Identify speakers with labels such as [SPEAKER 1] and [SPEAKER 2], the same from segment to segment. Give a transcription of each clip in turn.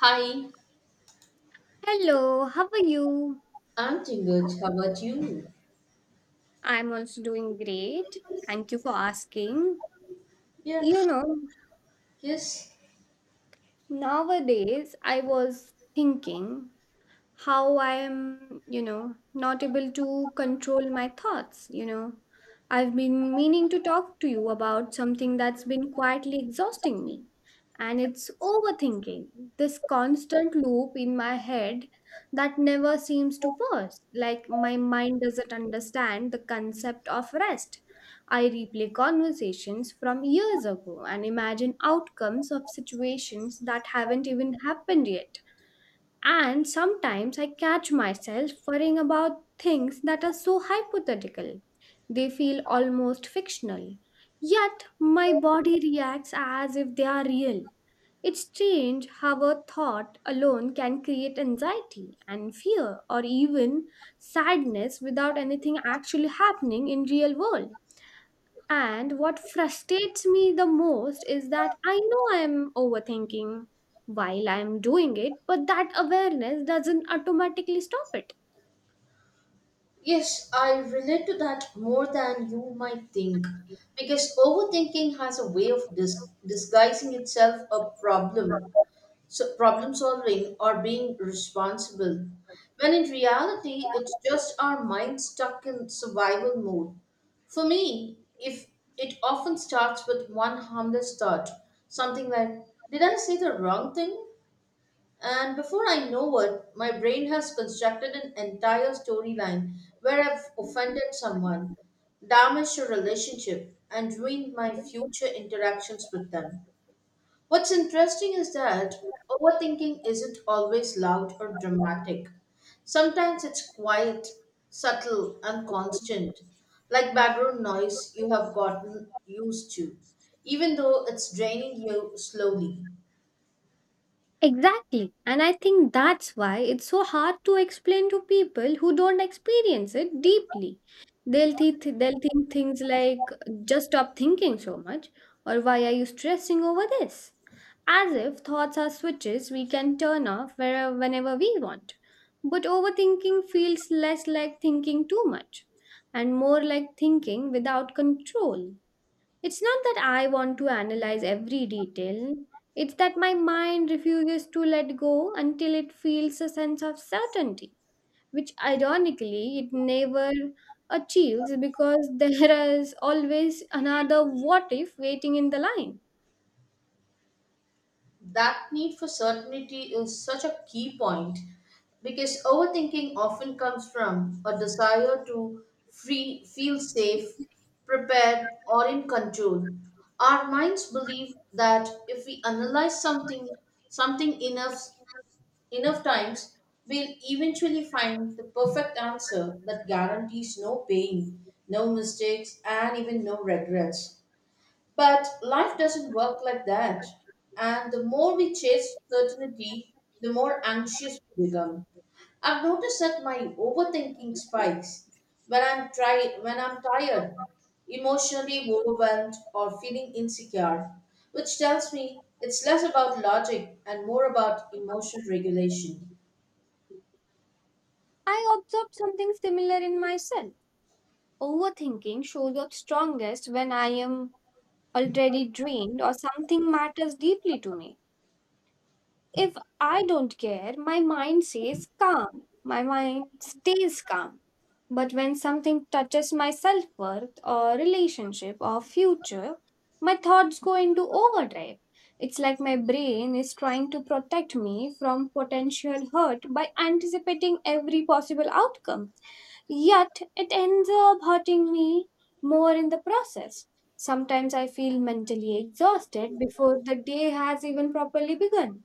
[SPEAKER 1] Hi,
[SPEAKER 2] Hello, how are you?
[SPEAKER 1] I'm Tinguj. How about you?
[SPEAKER 2] I'm also doing great. Thank you for asking.
[SPEAKER 1] Yeah,
[SPEAKER 2] You know,
[SPEAKER 1] yes,
[SPEAKER 2] Nowadays I was thinking how I am, not able to control my thoughts. I've been meaning to talk to you about something that's been quietly exhausting me, and it's overthinking. This constant loop in my head that never seems to pause. Like my mind doesn't understand the concept of rest. I replay conversations from years ago and imagine outcomes of situations that haven't even happened yet, and sometimes I catch myself worrying about things that are so hypothetical. They feel almost fictional. Yet my body reacts as if they are real. It's strange how a thought alone can create anxiety and fear or even sadness without anything actually happening in real world. And what frustrates me the most is that I know I'm overthinking while I'm doing it, but that awareness doesn't automatically stop it.
[SPEAKER 1] yes, I relate to that more than you might think because overthinking has a way of disguising itself a problem, so problem solving or being responsible. When in reality, it's just our mind stuck in survival mode. For me, if it often starts with one harmless thought, something like, did I say the wrong thing? And before I know it, my brain has constructed an entire storyline where I've offended someone, damaged a relationship, and ruined my future interactions with them. What's interesting is that overthinking isn't always loud or dramatic. Sometimes it's quiet, subtle, and constant, like background noise you have gotten used to, even though it's draining you slowly.
[SPEAKER 2] Exactly. And I think that's why it's so hard to explain to people who don't experience it deeply. They'll think things like, just stop thinking so much, or why are you stressing over this? As if thoughts are switches we can turn off wherever, whenever we want. But overthinking feels less like thinking too much and more like thinking without control. It's not that I want to analyze every detail, it's that my mind refuses to let go until it feels a sense of certainty, which ironically it never achieves because there is always another what if waiting in the line.
[SPEAKER 1] That need for certainty is such a key point because overthinking often comes from a desire to feel safe, prepared, or in control. Our minds believe that if we analyze something enough times, we'll eventually find the perfect answer that guarantees no pain, no mistakes, and even no regrets. But life doesn't work like that. And the more we chase certainty, the more anxious we become. I've noticed that my overthinking spikes when I'm tired, emotionally overwhelmed or feeling insecure, which tells me it's less about logic and more about emotional regulation.
[SPEAKER 2] I observed something similar in myself. Overthinking shows up strongest when I am already drained or something matters deeply to me. If I don't care, my mind says calm. My mind stays calm. But when something touches my self worth or relationship or future, my thoughts go into overdrive. It's like my brain is trying to protect me from potential hurt by anticipating every possible outcome. Yet it ends up hurting me more in the process. Sometimes I feel mentally exhausted before the day has even properly begun,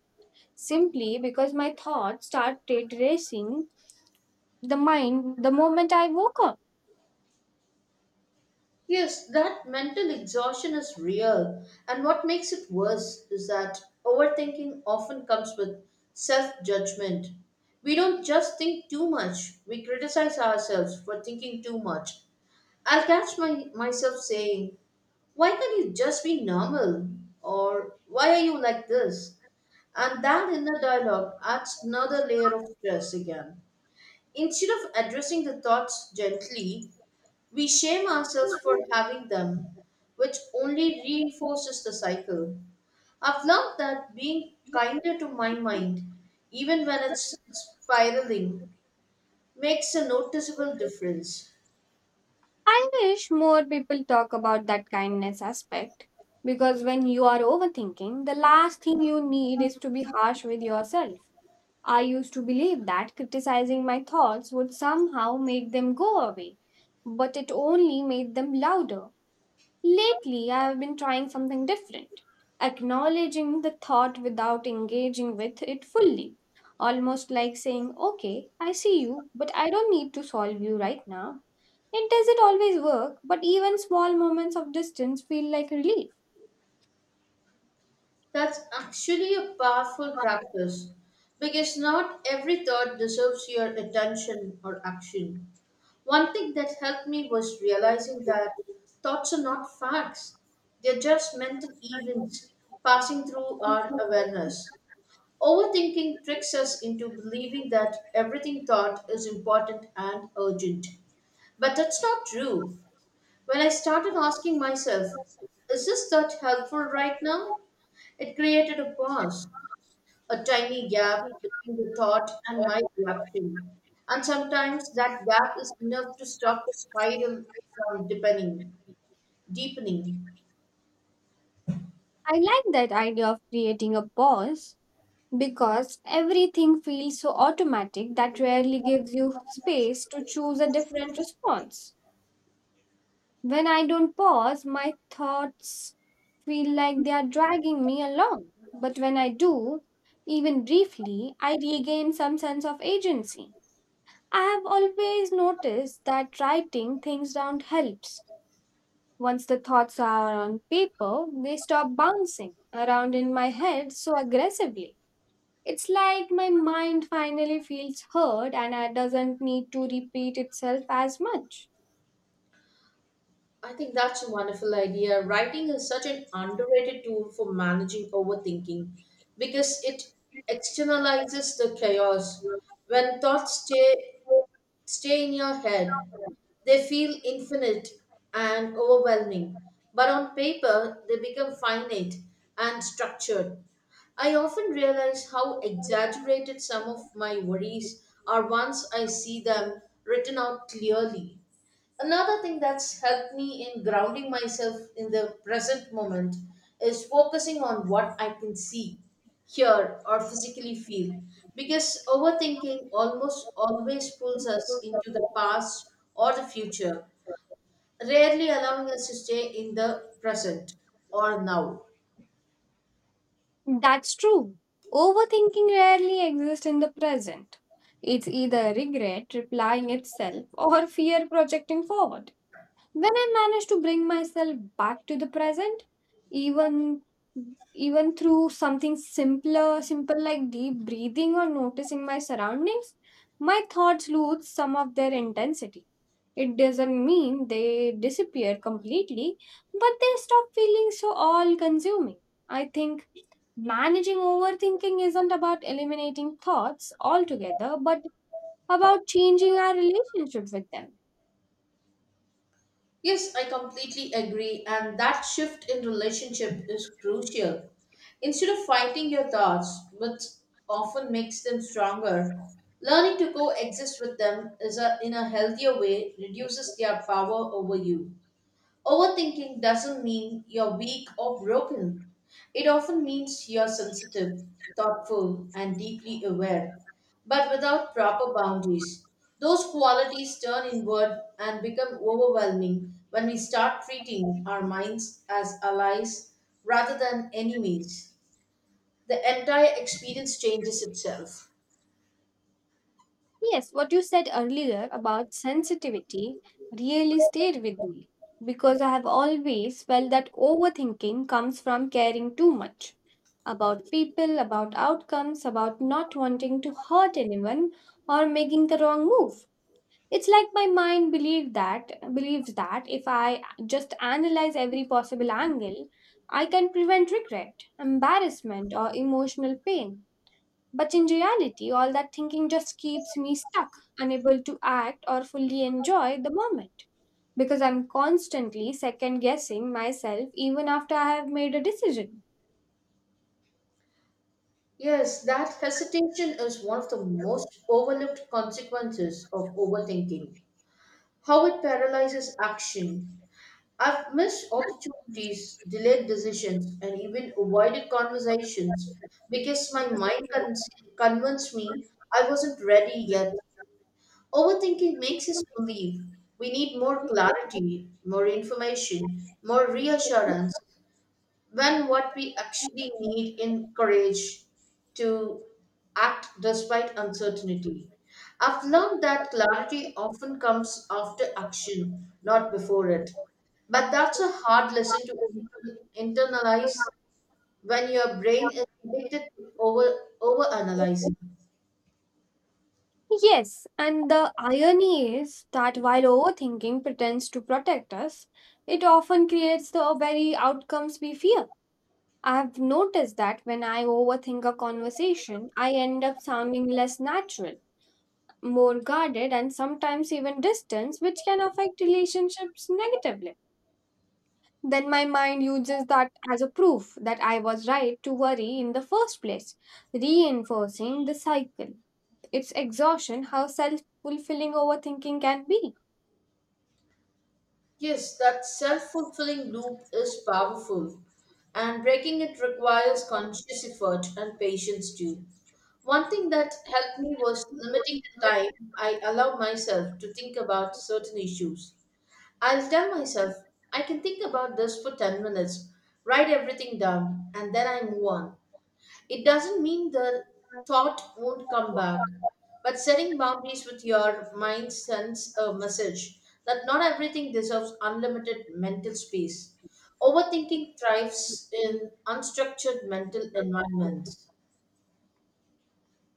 [SPEAKER 2] simply because my thoughts start racing the mind the moment I woke up.
[SPEAKER 1] Yes, that mental exhaustion is real. And what makes it worse is that overthinking often comes with self judgment. We don't just think too much, we criticize ourselves for thinking too much. I'll myself saying, why can't you just be normal? Or why are you like this? And that inner dialogue adds another layer of stress again. Instead of addressing the thoughts gently, we shame ourselves for having them, which only reinforces the cycle. I've learned that being kinder to my mind, even when it's spiraling, makes a noticeable difference.
[SPEAKER 2] I wish more people talk about that kindness aspect because when you are overthinking, the last thing you need is to be harsh with yourself. I used to believe that criticizing my thoughts would somehow make them go away, but it only made them louder. Lately, I have been trying something different, acknowledging the thought without engaging with it fully. Almost like saying, okay, I see you, but I don't need to solve you right now. It doesn't always work, but even small moments of distance feel like relief.
[SPEAKER 1] That's actually a powerful practice because not every thought deserves your attention or action. One thing that helped me was realizing that thoughts are not facts, they're just mental events passing through our awareness. Overthinking tricks us into believing that everything thought is important and urgent. But that's not true. When I started asking myself, is this thought helpful right now? It created a pause, a tiny gap between the thought and my reaction. And sometimes that gap is enough to stop the spiral from deepening.
[SPEAKER 2] I like that idea of creating a pause because everything feels so automatic that rarely gives you space to choose a different response. When I don't pause, my thoughts feel like they are dragging me along. But when I do, even briefly, I regain some sense of agency. I have always noticed that writing things down helps. Once the thoughts are on paper, they stop bouncing around in my head so aggressively. It's like my mind finally feels heard and it doesn't need to repeat itself as much.
[SPEAKER 1] I think that's a wonderful idea. Writing is such an underrated tool for managing overthinking because it externalizes the chaos. When thoughts stay in your head, they feel infinite and overwhelming, but on paper they become finite and structured. I often realize how exaggerated some of my worries are once I see them written out clearly. Another thing that's helped me in grounding myself in the present moment is focusing on what I can see, hear, or physically feel. Because overthinking almost always pulls us into the past or the future, rarely allowing us to stay in the present or now.
[SPEAKER 2] That's true. Overthinking rarely exists in the present. It's either regret replying itself or fear projecting forward. When I manage to bring myself back to the present, even even through something simple like deep breathing or noticing my surroundings, my thoughts lose some of their intensity. It doesn't mean they disappear completely, but they stop feeling so all consuming. I think managing overthinking isn't about eliminating thoughts altogether, but about changing our relationship with them.
[SPEAKER 1] Yes, I completely agree, and that shift in relationship is crucial. Instead of fighting your thoughts, which often makes them stronger, learning to coexist with them in a healthier way reduces their power over you. Overthinking doesn't mean you're weak or broken. It often means you're sensitive, thoughtful, and deeply aware, but without proper boundaries. Those qualities turn inward and become overwhelming when we start treating our minds as allies rather than enemies. The entire experience changes itself.
[SPEAKER 2] Yes, what you said earlier about sensitivity really stayed with me because I have always felt that overthinking comes from caring too much about people, about outcomes, about not wanting to hurt anyone or making the wrong move. It's like my mind believes that if I just analyze every possible angle, I can prevent regret, embarrassment, or emotional pain, but in reality, all that thinking just keeps me stuck, unable to act or fully enjoy the moment. Because I'm constantly second guessing myself even after I have made a decision.
[SPEAKER 1] Yes, that hesitation is one of the most overlooked consequences of overthinking, how it paralyzes action. I've missed opportunities, delayed decisions, and even avoided conversations because my convinced me I wasn't ready yet. Overthinking makes us believe we need more clarity, more information, more reassurance, when what we actually need in courage to act despite uncertainty. I've learned that clarity often comes after action, not before it. But that's a hard lesson to internalize when your brain is addicted to overanalyzing.
[SPEAKER 2] Yes, and the irony is that while overthinking pretends to protect us, it often creates the very outcomes we fear. I have noticed that when I overthink a conversation, I end up sounding less natural, more guarded and sometimes even distance, which can affect relationships negatively. Then my mind uses that as a proof that I was right to worry in the first place, reinforcing the cycle. It's exhaustion how self fulfilling overthinking can be.
[SPEAKER 1] Yes, that self fulfilling loop is powerful, and breaking it requires conscious effort and patience too. One thing that helped me was limiting the time I allow myself to think about certain issues. I'll tell myself, I can think about this for 10 minutes, write everything down, and then I move on. It doesn't mean the thought won't come back, but setting boundaries with your mind sends a message that not everything deserves unlimited mental space. Overthinking thrives in unstructured mental environments.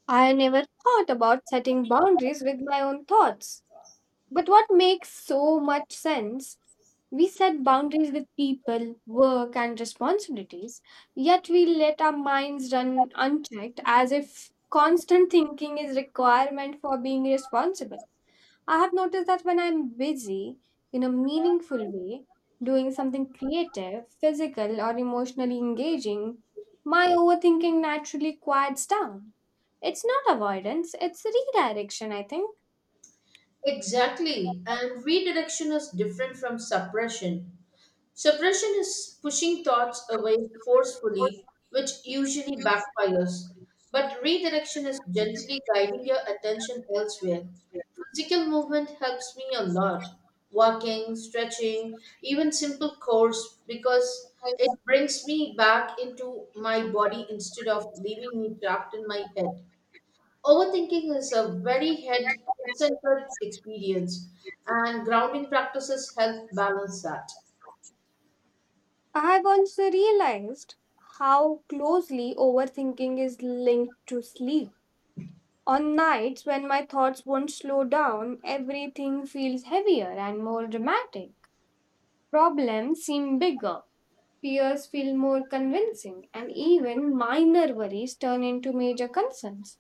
[SPEAKER 2] I never thought about setting boundaries with my own thoughts. But what makes so much sense. We set boundaries with people, work, and responsibilities, yet we let our minds run unchecked as if constant thinking is requirement for being responsible. I have noticed that when I'm busy in a meaningful way, doing something creative, physical, or emotionally engaging, my overthinking naturally quiets down. It's not avoidance, it's redirection, I think.
[SPEAKER 1] Exactly, and redirection is different from suppression. Suppression is pushing thoughts away forcefully, which usually backfires, but redirection is gently guiding your attention elsewhere. Physical movement helps me a lot. Walking, stretching, even simple chores, because it brings me back into my body instead of leaving me trapped in my head. Overthinking is a very head centered experience, and grounding practices help balance that.
[SPEAKER 2] I've also realized how closely overthinking is linked to sleep. On nights when my thoughts won't slow down, everything feels heavier and more dramatic. Problems seem bigger, fears feel more convincing, and even minor worries turn into major concerns.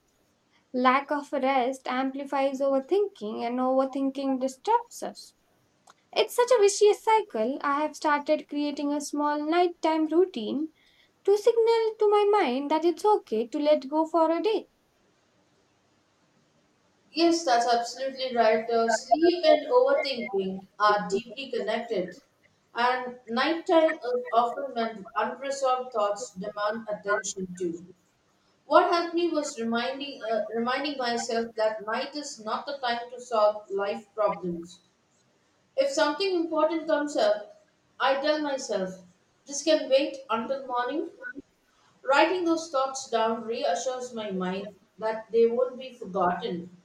[SPEAKER 2] Lack of rest amplifies overthinking, and overthinking disrupts us. It's such a vicious cycle. I have started creating a small nighttime routine to signal to my mind that it's okay to let go for a day.
[SPEAKER 1] Yes, that's absolutely right. Sleep and overthinking are deeply connected, and nighttime is often when unresolved thoughts demand attention too. What helped me was reminding myself that night is not the time to solve life problems. If something important comes up, I tell myself, "This can wait until morning." Writing those thoughts down reassures my mind that they won't be forgotten,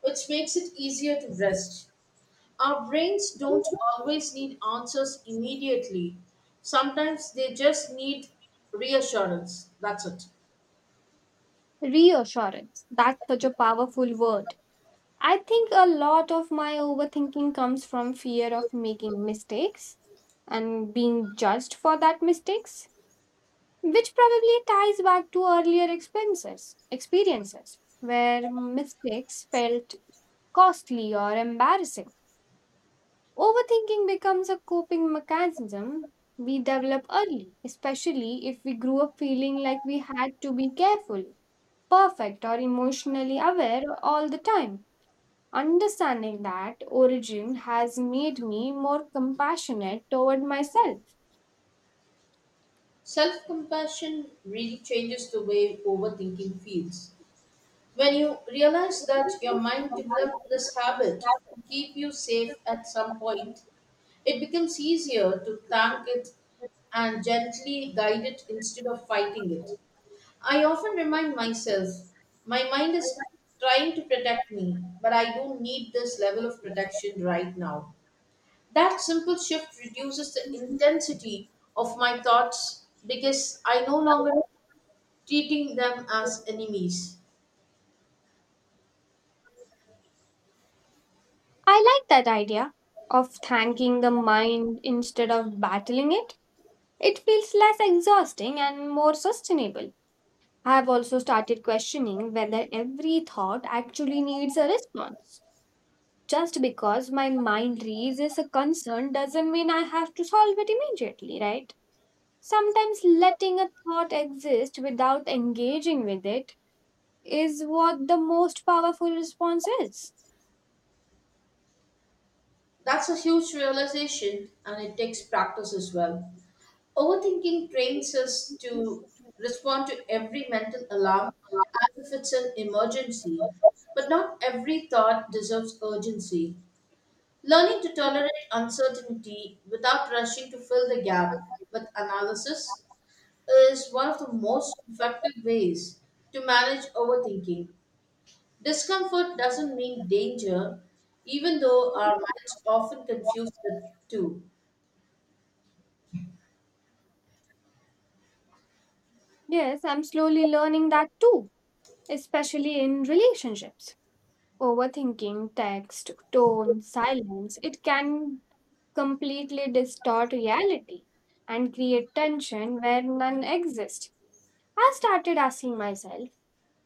[SPEAKER 1] which makes it easier to rest. Our brains don't always need answers immediately. Sometimes they just need reassurance. That's it.
[SPEAKER 2] Reassurance. That's such a powerful word. I think a lot of my overthinking comes from fear of making mistakes and being judged for that mistakes, which probably ties back to earlier experiences where mistakes felt costly or embarrassing. Overthinking becomes a coping mechanism we develop early, especially if we grew up feeling like we had to be careful, perfect, or emotionally aware all the time. Understanding that origin has made me more compassionate toward myself.
[SPEAKER 1] Self compassion really changes the way overthinking feels. When you realize that your mind developed this habit to keep you safe at some point, it becomes easier to thank it and gently guide it instead of fighting it. I often remind myself my mind is trying to protect me, but I don't need this level of protection right now. That simple shift reduces the intensity of my thoughts because I no longer treating them as enemies.
[SPEAKER 2] I like that idea of thanking the mind instead of battling it. It feels less exhausting and more sustainable. I've also started questioning whether every thought actually needs a response. Just because my mind raises a concern doesn't mean I have to solve it immediately, right? Sometimes letting a thought exist without engaging with it is what the most powerful response is.
[SPEAKER 1] That's a huge realization and it takes practice as well. Overthinking trains us to respond to every mental alarm as if it's an emergency, but not every thought deserves urgency. Learning to tolerate uncertainty without rushing to fill the gap with analysis is one of the most effective ways to manage overthinking. Discomfort doesn't mean danger, even though our minds often confuse the two.
[SPEAKER 2] Yes, I'm slowly learning that too, especially in relationships. Overthinking text, tone, silence, it can completely distort reality and create tension where none exists. I started asking myself,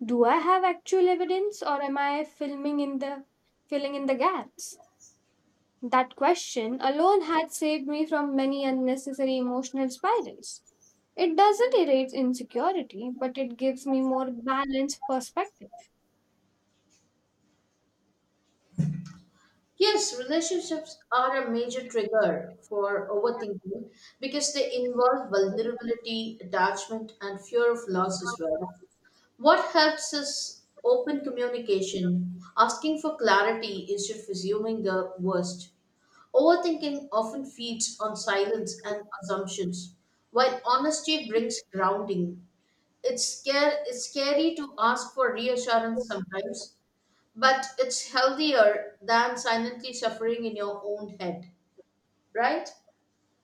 [SPEAKER 2] do I have actual evidence or am I filming in the filling in the gaps? That question alone had saved me from many unnecessary emotional spirals. It doesn't erase insecurity, but it gives me more balanced perspective.
[SPEAKER 1] Yes, relationships are a major trigger for overthinking because they involve vulnerability, attachment, and fear of loss as well. What helps is open communication. Asking for clarity instead of assuming the worst. Overthinking often feeds on silence and assumptions, while honesty brings grounding. It's scary to ask for reassurance sometimes, but it's healthier than silently suffering in your own head, right?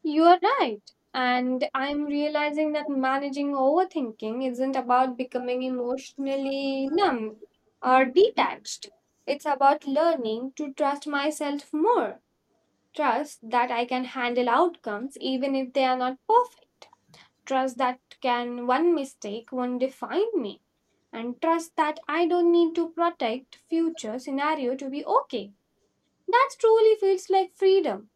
[SPEAKER 2] You are right. And I'm realizing that managing overthinking isn't about becoming emotionally numb or detached. It's about learning to trust myself more. Trust that I can handle outcomes even if they are not perfect. Trust that can one mistake won't define me. And trust that I don't need to protect future scenario to be okay. That truly feels like freedom.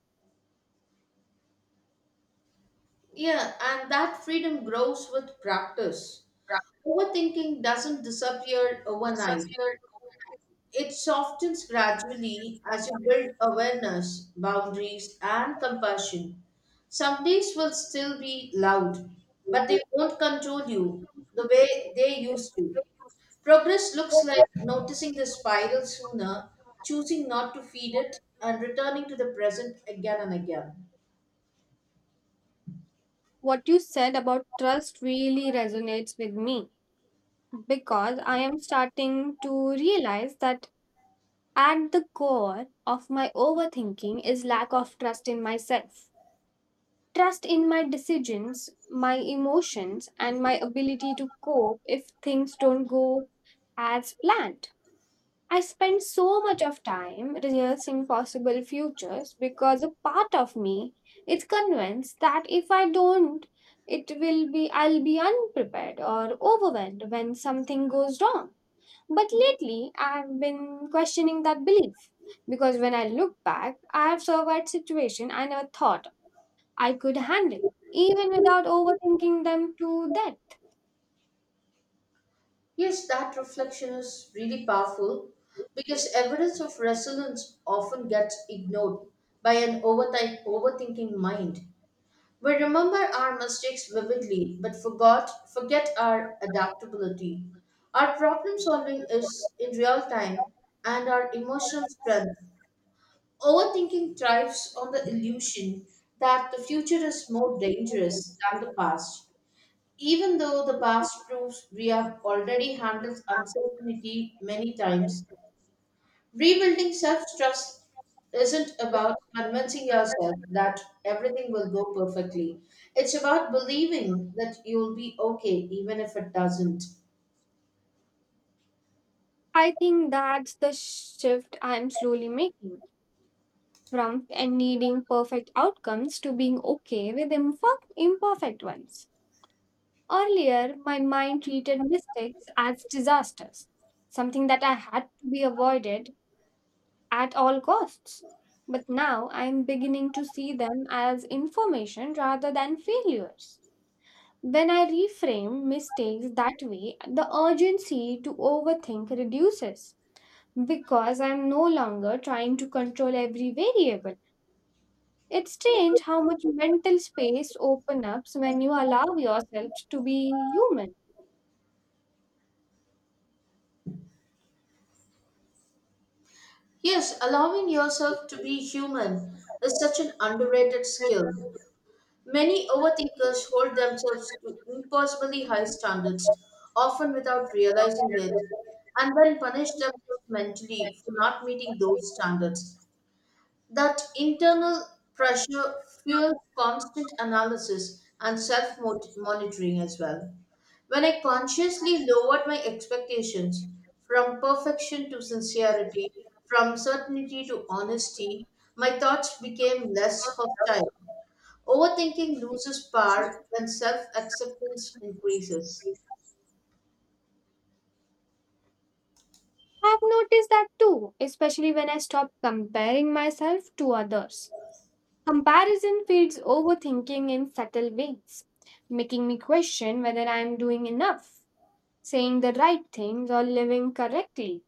[SPEAKER 1] Yeah, and that freedom grows with practice. Overthinking doesn't disappear overnight. It softens gradually as you build awareness, boundaries, and compassion. Some days will still be loud, but they won't control you the way they used to. Progress looks like noticing the spiral sooner, choosing not to feed it, and returning to the present again and again.
[SPEAKER 2] What you said about trust really resonates with me because I am starting to realize that at the core of my overthinking is lack of trust in myself. Trust in my decisions, my emotions, and my ability to cope if things don't go as planned. I spend so much of time rehearsing possible futures because a part of me is convinced that if I don't, it will be I'll be unprepared or overwhelmed when something goes wrong. But lately, I've been questioning that belief because when I look back, I have survived situations I never thought I could handle, even without overthinking them to death.
[SPEAKER 1] Yes, that reflection is really powerful because evidence of resilience often gets ignored by an overthinking mind. We remember our mistakes vividly, but forgot forget our adaptability. Our problem solving is in real time and our emotional strength. Overthinking thrives on the illusion that the future is more dangerous than the past, even though the past proves we have already handled uncertainty many times. Rebuilding self trust isn't about convincing yourself that everything will go perfectly. It's about believing that you'll be okay even if it doesn't.
[SPEAKER 2] I think that's the shift I'm slowly making, from and needing perfect outcomes to being okay with imperfect ones. Earlier, my mind treated mistakes as disasters, something that I had to be avoided at all costs. But now I am beginning to see them as information rather than failures. When I reframe mistakes that way, the urgency to overthink reduces because I am no longer trying to control every variable. It's strange how much mental space opens up when you allow yourself to be human.
[SPEAKER 1] Yes, allowing yourself to be human is such an underrated skill. Many overthinkers hold themselves to impossibly high standards, often without realizing it, and then punish themselves mentally for not meeting those standards. That internal pressure fuels constant analysis and self monitoring as well. When I consciously lowered my expectations from perfection to sincerity, from certainty to honesty, my thoughts became less hostile. Overthinking loses power when self acceptance increases.
[SPEAKER 2] I've noticed that too, especially when I stop comparing myself to others. Comparison feeds overthinking in subtle ways, making me question whether I'm doing enough, saying the right things, or living correctly.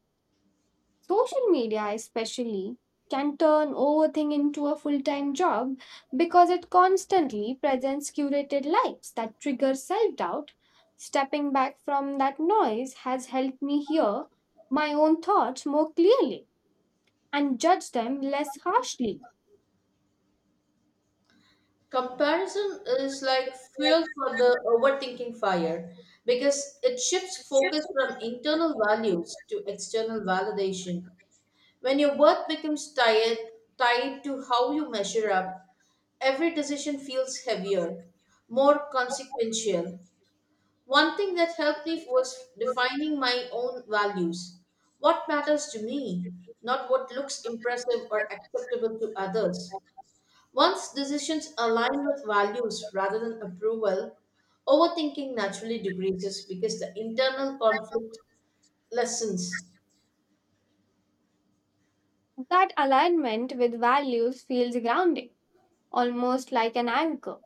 [SPEAKER 2] Social media, especially, can turn overthink into a full time job because it constantly presents curated lives that trigger self doubt. Stepping back from that noise has helped me hear my own thoughts more clearly and judge them less harshly.
[SPEAKER 1] Comparison is like fuel for the overthinking fire because it shifts focus from internal values to external validation. When your worth becomes tied to how you measure up, every decision feels heavier, more consequential. One thing that helped me was defining my own values. What matters to me, not what looks impressive or acceptable to others. Once decisions align with values rather than approval, overthinking naturally decreases because the internal conflict lessens.
[SPEAKER 2] That alignment with values feels grounding, almost like an anchor.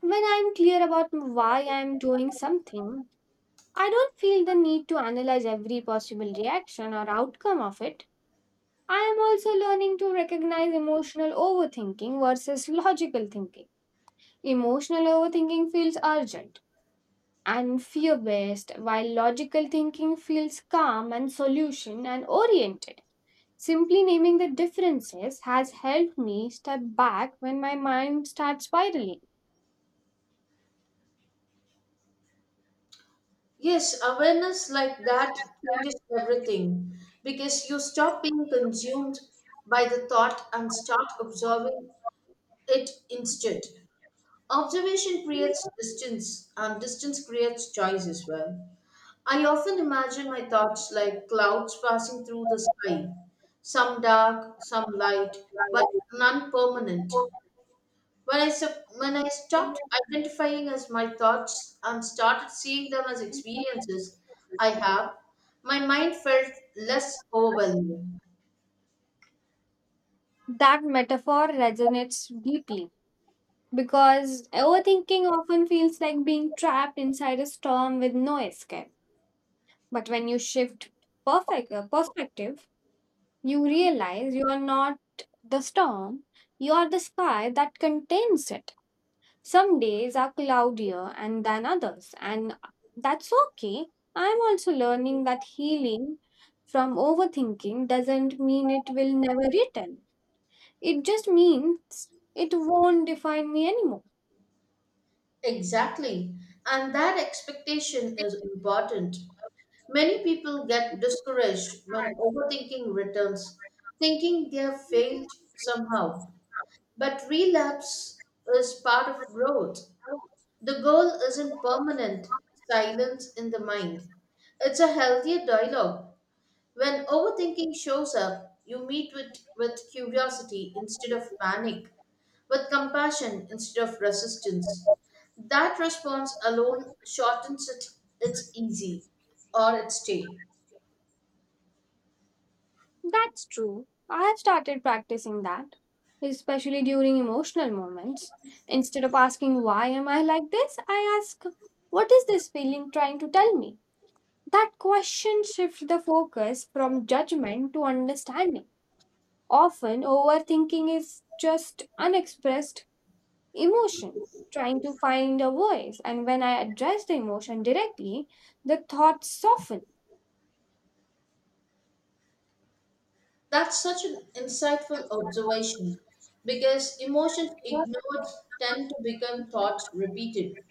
[SPEAKER 2] When I'm clear about why I'm doing something, I don't feel the need to analyze every possible reaction or outcome of it. I am also learning to recognize emotional overthinking versus logical thinking. Emotional overthinking feels urgent and fear based, while logical thinking feels calm and solution and oriented. Simply naming the differences has helped me step back when my mind starts spiraling.
[SPEAKER 1] Yes, awareness like that changes everything because you stop being consumed by the thought and start observing it instead. Observation creates distance, and distance creates choice as well. I often imagine my thoughts like clouds passing through the sky, some dark, some light, but none permanent. When I stopped identifying as my thoughts and started seeing them as experiences I have, my mind felt less overwhelming.
[SPEAKER 2] That metaphor resonates deeply because overthinking often feels like being trapped inside a storm with no escape. But when you shift perfect perspective, you realize you are not the storm, you are the sky that contains it. Some days are cloudier and than others, and that's okay. I'm also learning that healing from overthinking doesn't mean it will never return. It just means it won't define me anymore.
[SPEAKER 1] Exactly. And that expectation is important. Many people get discouraged when overthinking returns, thinking they have failed somehow. But relapse is part of growth. The goal isn't permanent silence in the mind, it's a healthier dialogue. When overthinking shows up, you meet with curiosity instead of panic, with compassion instead of resistance. That response alone shortens it, its easy or its stay.
[SPEAKER 2] That's true. I have started practicing that, especially during emotional moments. Instead of asking, why am I like this? I ask, what is this feeling trying to tell me? That question shifts the focus from judgment to understanding. Often, overthinking is just unexpressed emotion trying to find a voice, and when I address the emotion directly, the thoughts soften.
[SPEAKER 1] That's such an insightful observation because emotions ignored tend to become thoughts repeated.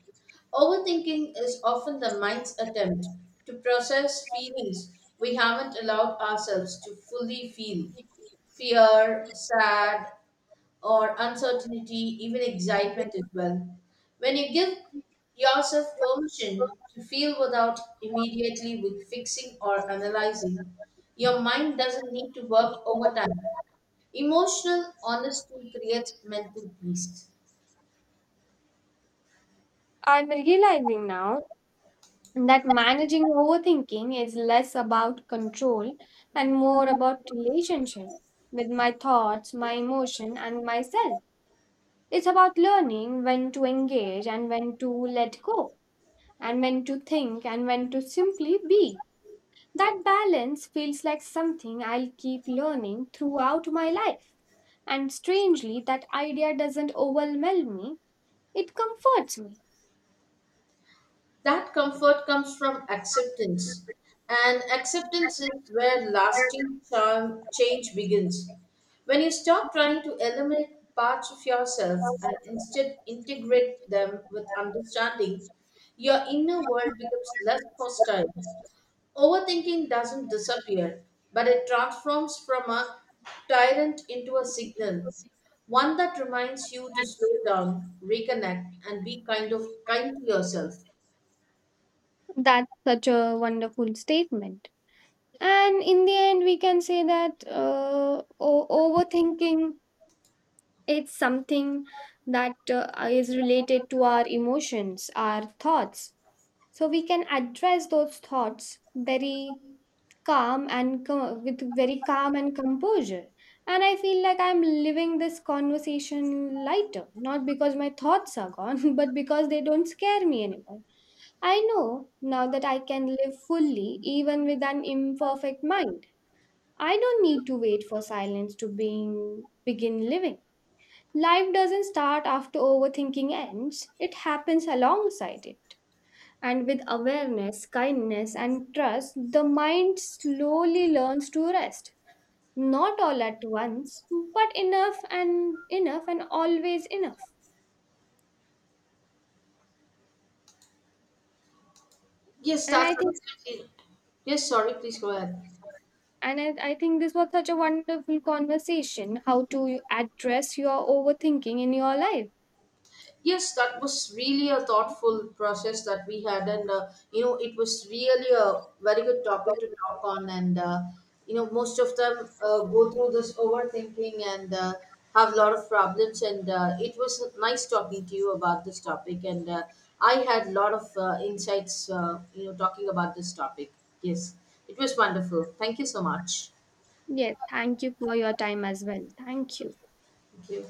[SPEAKER 1] Overthinking is often the mind's attempt to process feelings we haven't allowed ourselves to fully feel, fear, sad, or uncertainty, even excitement as well. When you give yourself permission to feel without immediately with fixing or analyzing, your mind doesn't need to work overtime. Emotional honesty creates mental peace.
[SPEAKER 2] I'm realizing now that managing overthinking is less about control and more about relationship with my thoughts, my emotion, and myself. It's about learning when to engage and when to let go, and when to think and when to simply be. That balance feels like something I'll keep learning throughout my life. And strangely, that idea doesn't overwhelm me, it comforts me.
[SPEAKER 1] That comfort comes from acceptance, and acceptance is where lasting charm change begins. When you stop trying to eliminate parts of yourself and instead integrate them with understanding, your inner world becomes less hostile. Overthinking doesn't disappear, but it transforms from a tyrant into a signal, one that reminds you to slow down, reconnect, and be kind to yourself.
[SPEAKER 2] That's such a wonderful statement. And in the end we can say that overthinking, it's something that is related to our emotions, our thoughts, so we can address those thoughts very calm and co- with very calm and composure, and I feel like I'm living this conversation lighter, not because my thoughts are gone but because they don't scare me anymore. I know now that I can live fully even with an imperfect mind. I don't need to wait for silence to begin living. Life doesn't start after overthinking ends, it happens alongside it. And with awareness, kindness, and trust, the mind slowly learns to rest. Not all at once, but enough and enough and always enough.
[SPEAKER 1] Yes,
[SPEAKER 2] And I
[SPEAKER 1] that's
[SPEAKER 2] think
[SPEAKER 1] absolutely. Yes, sorry, please go ahead.
[SPEAKER 2] and I think this was such a wonderful conversation how to address your overthinking in your life.
[SPEAKER 1] Yes, that was really a thoughtful process that we had, and you know, it was really a very good topic to talk on. And you know, most of them go through this overthinking and have a lot of problems. And it was nice talking to you about this topic, and I had a lot of insights, you know, talking about this topic. Yes, it was wonderful. Thank you so much.
[SPEAKER 2] Yes, thank you for your time as well. Thank you.
[SPEAKER 1] Thank you.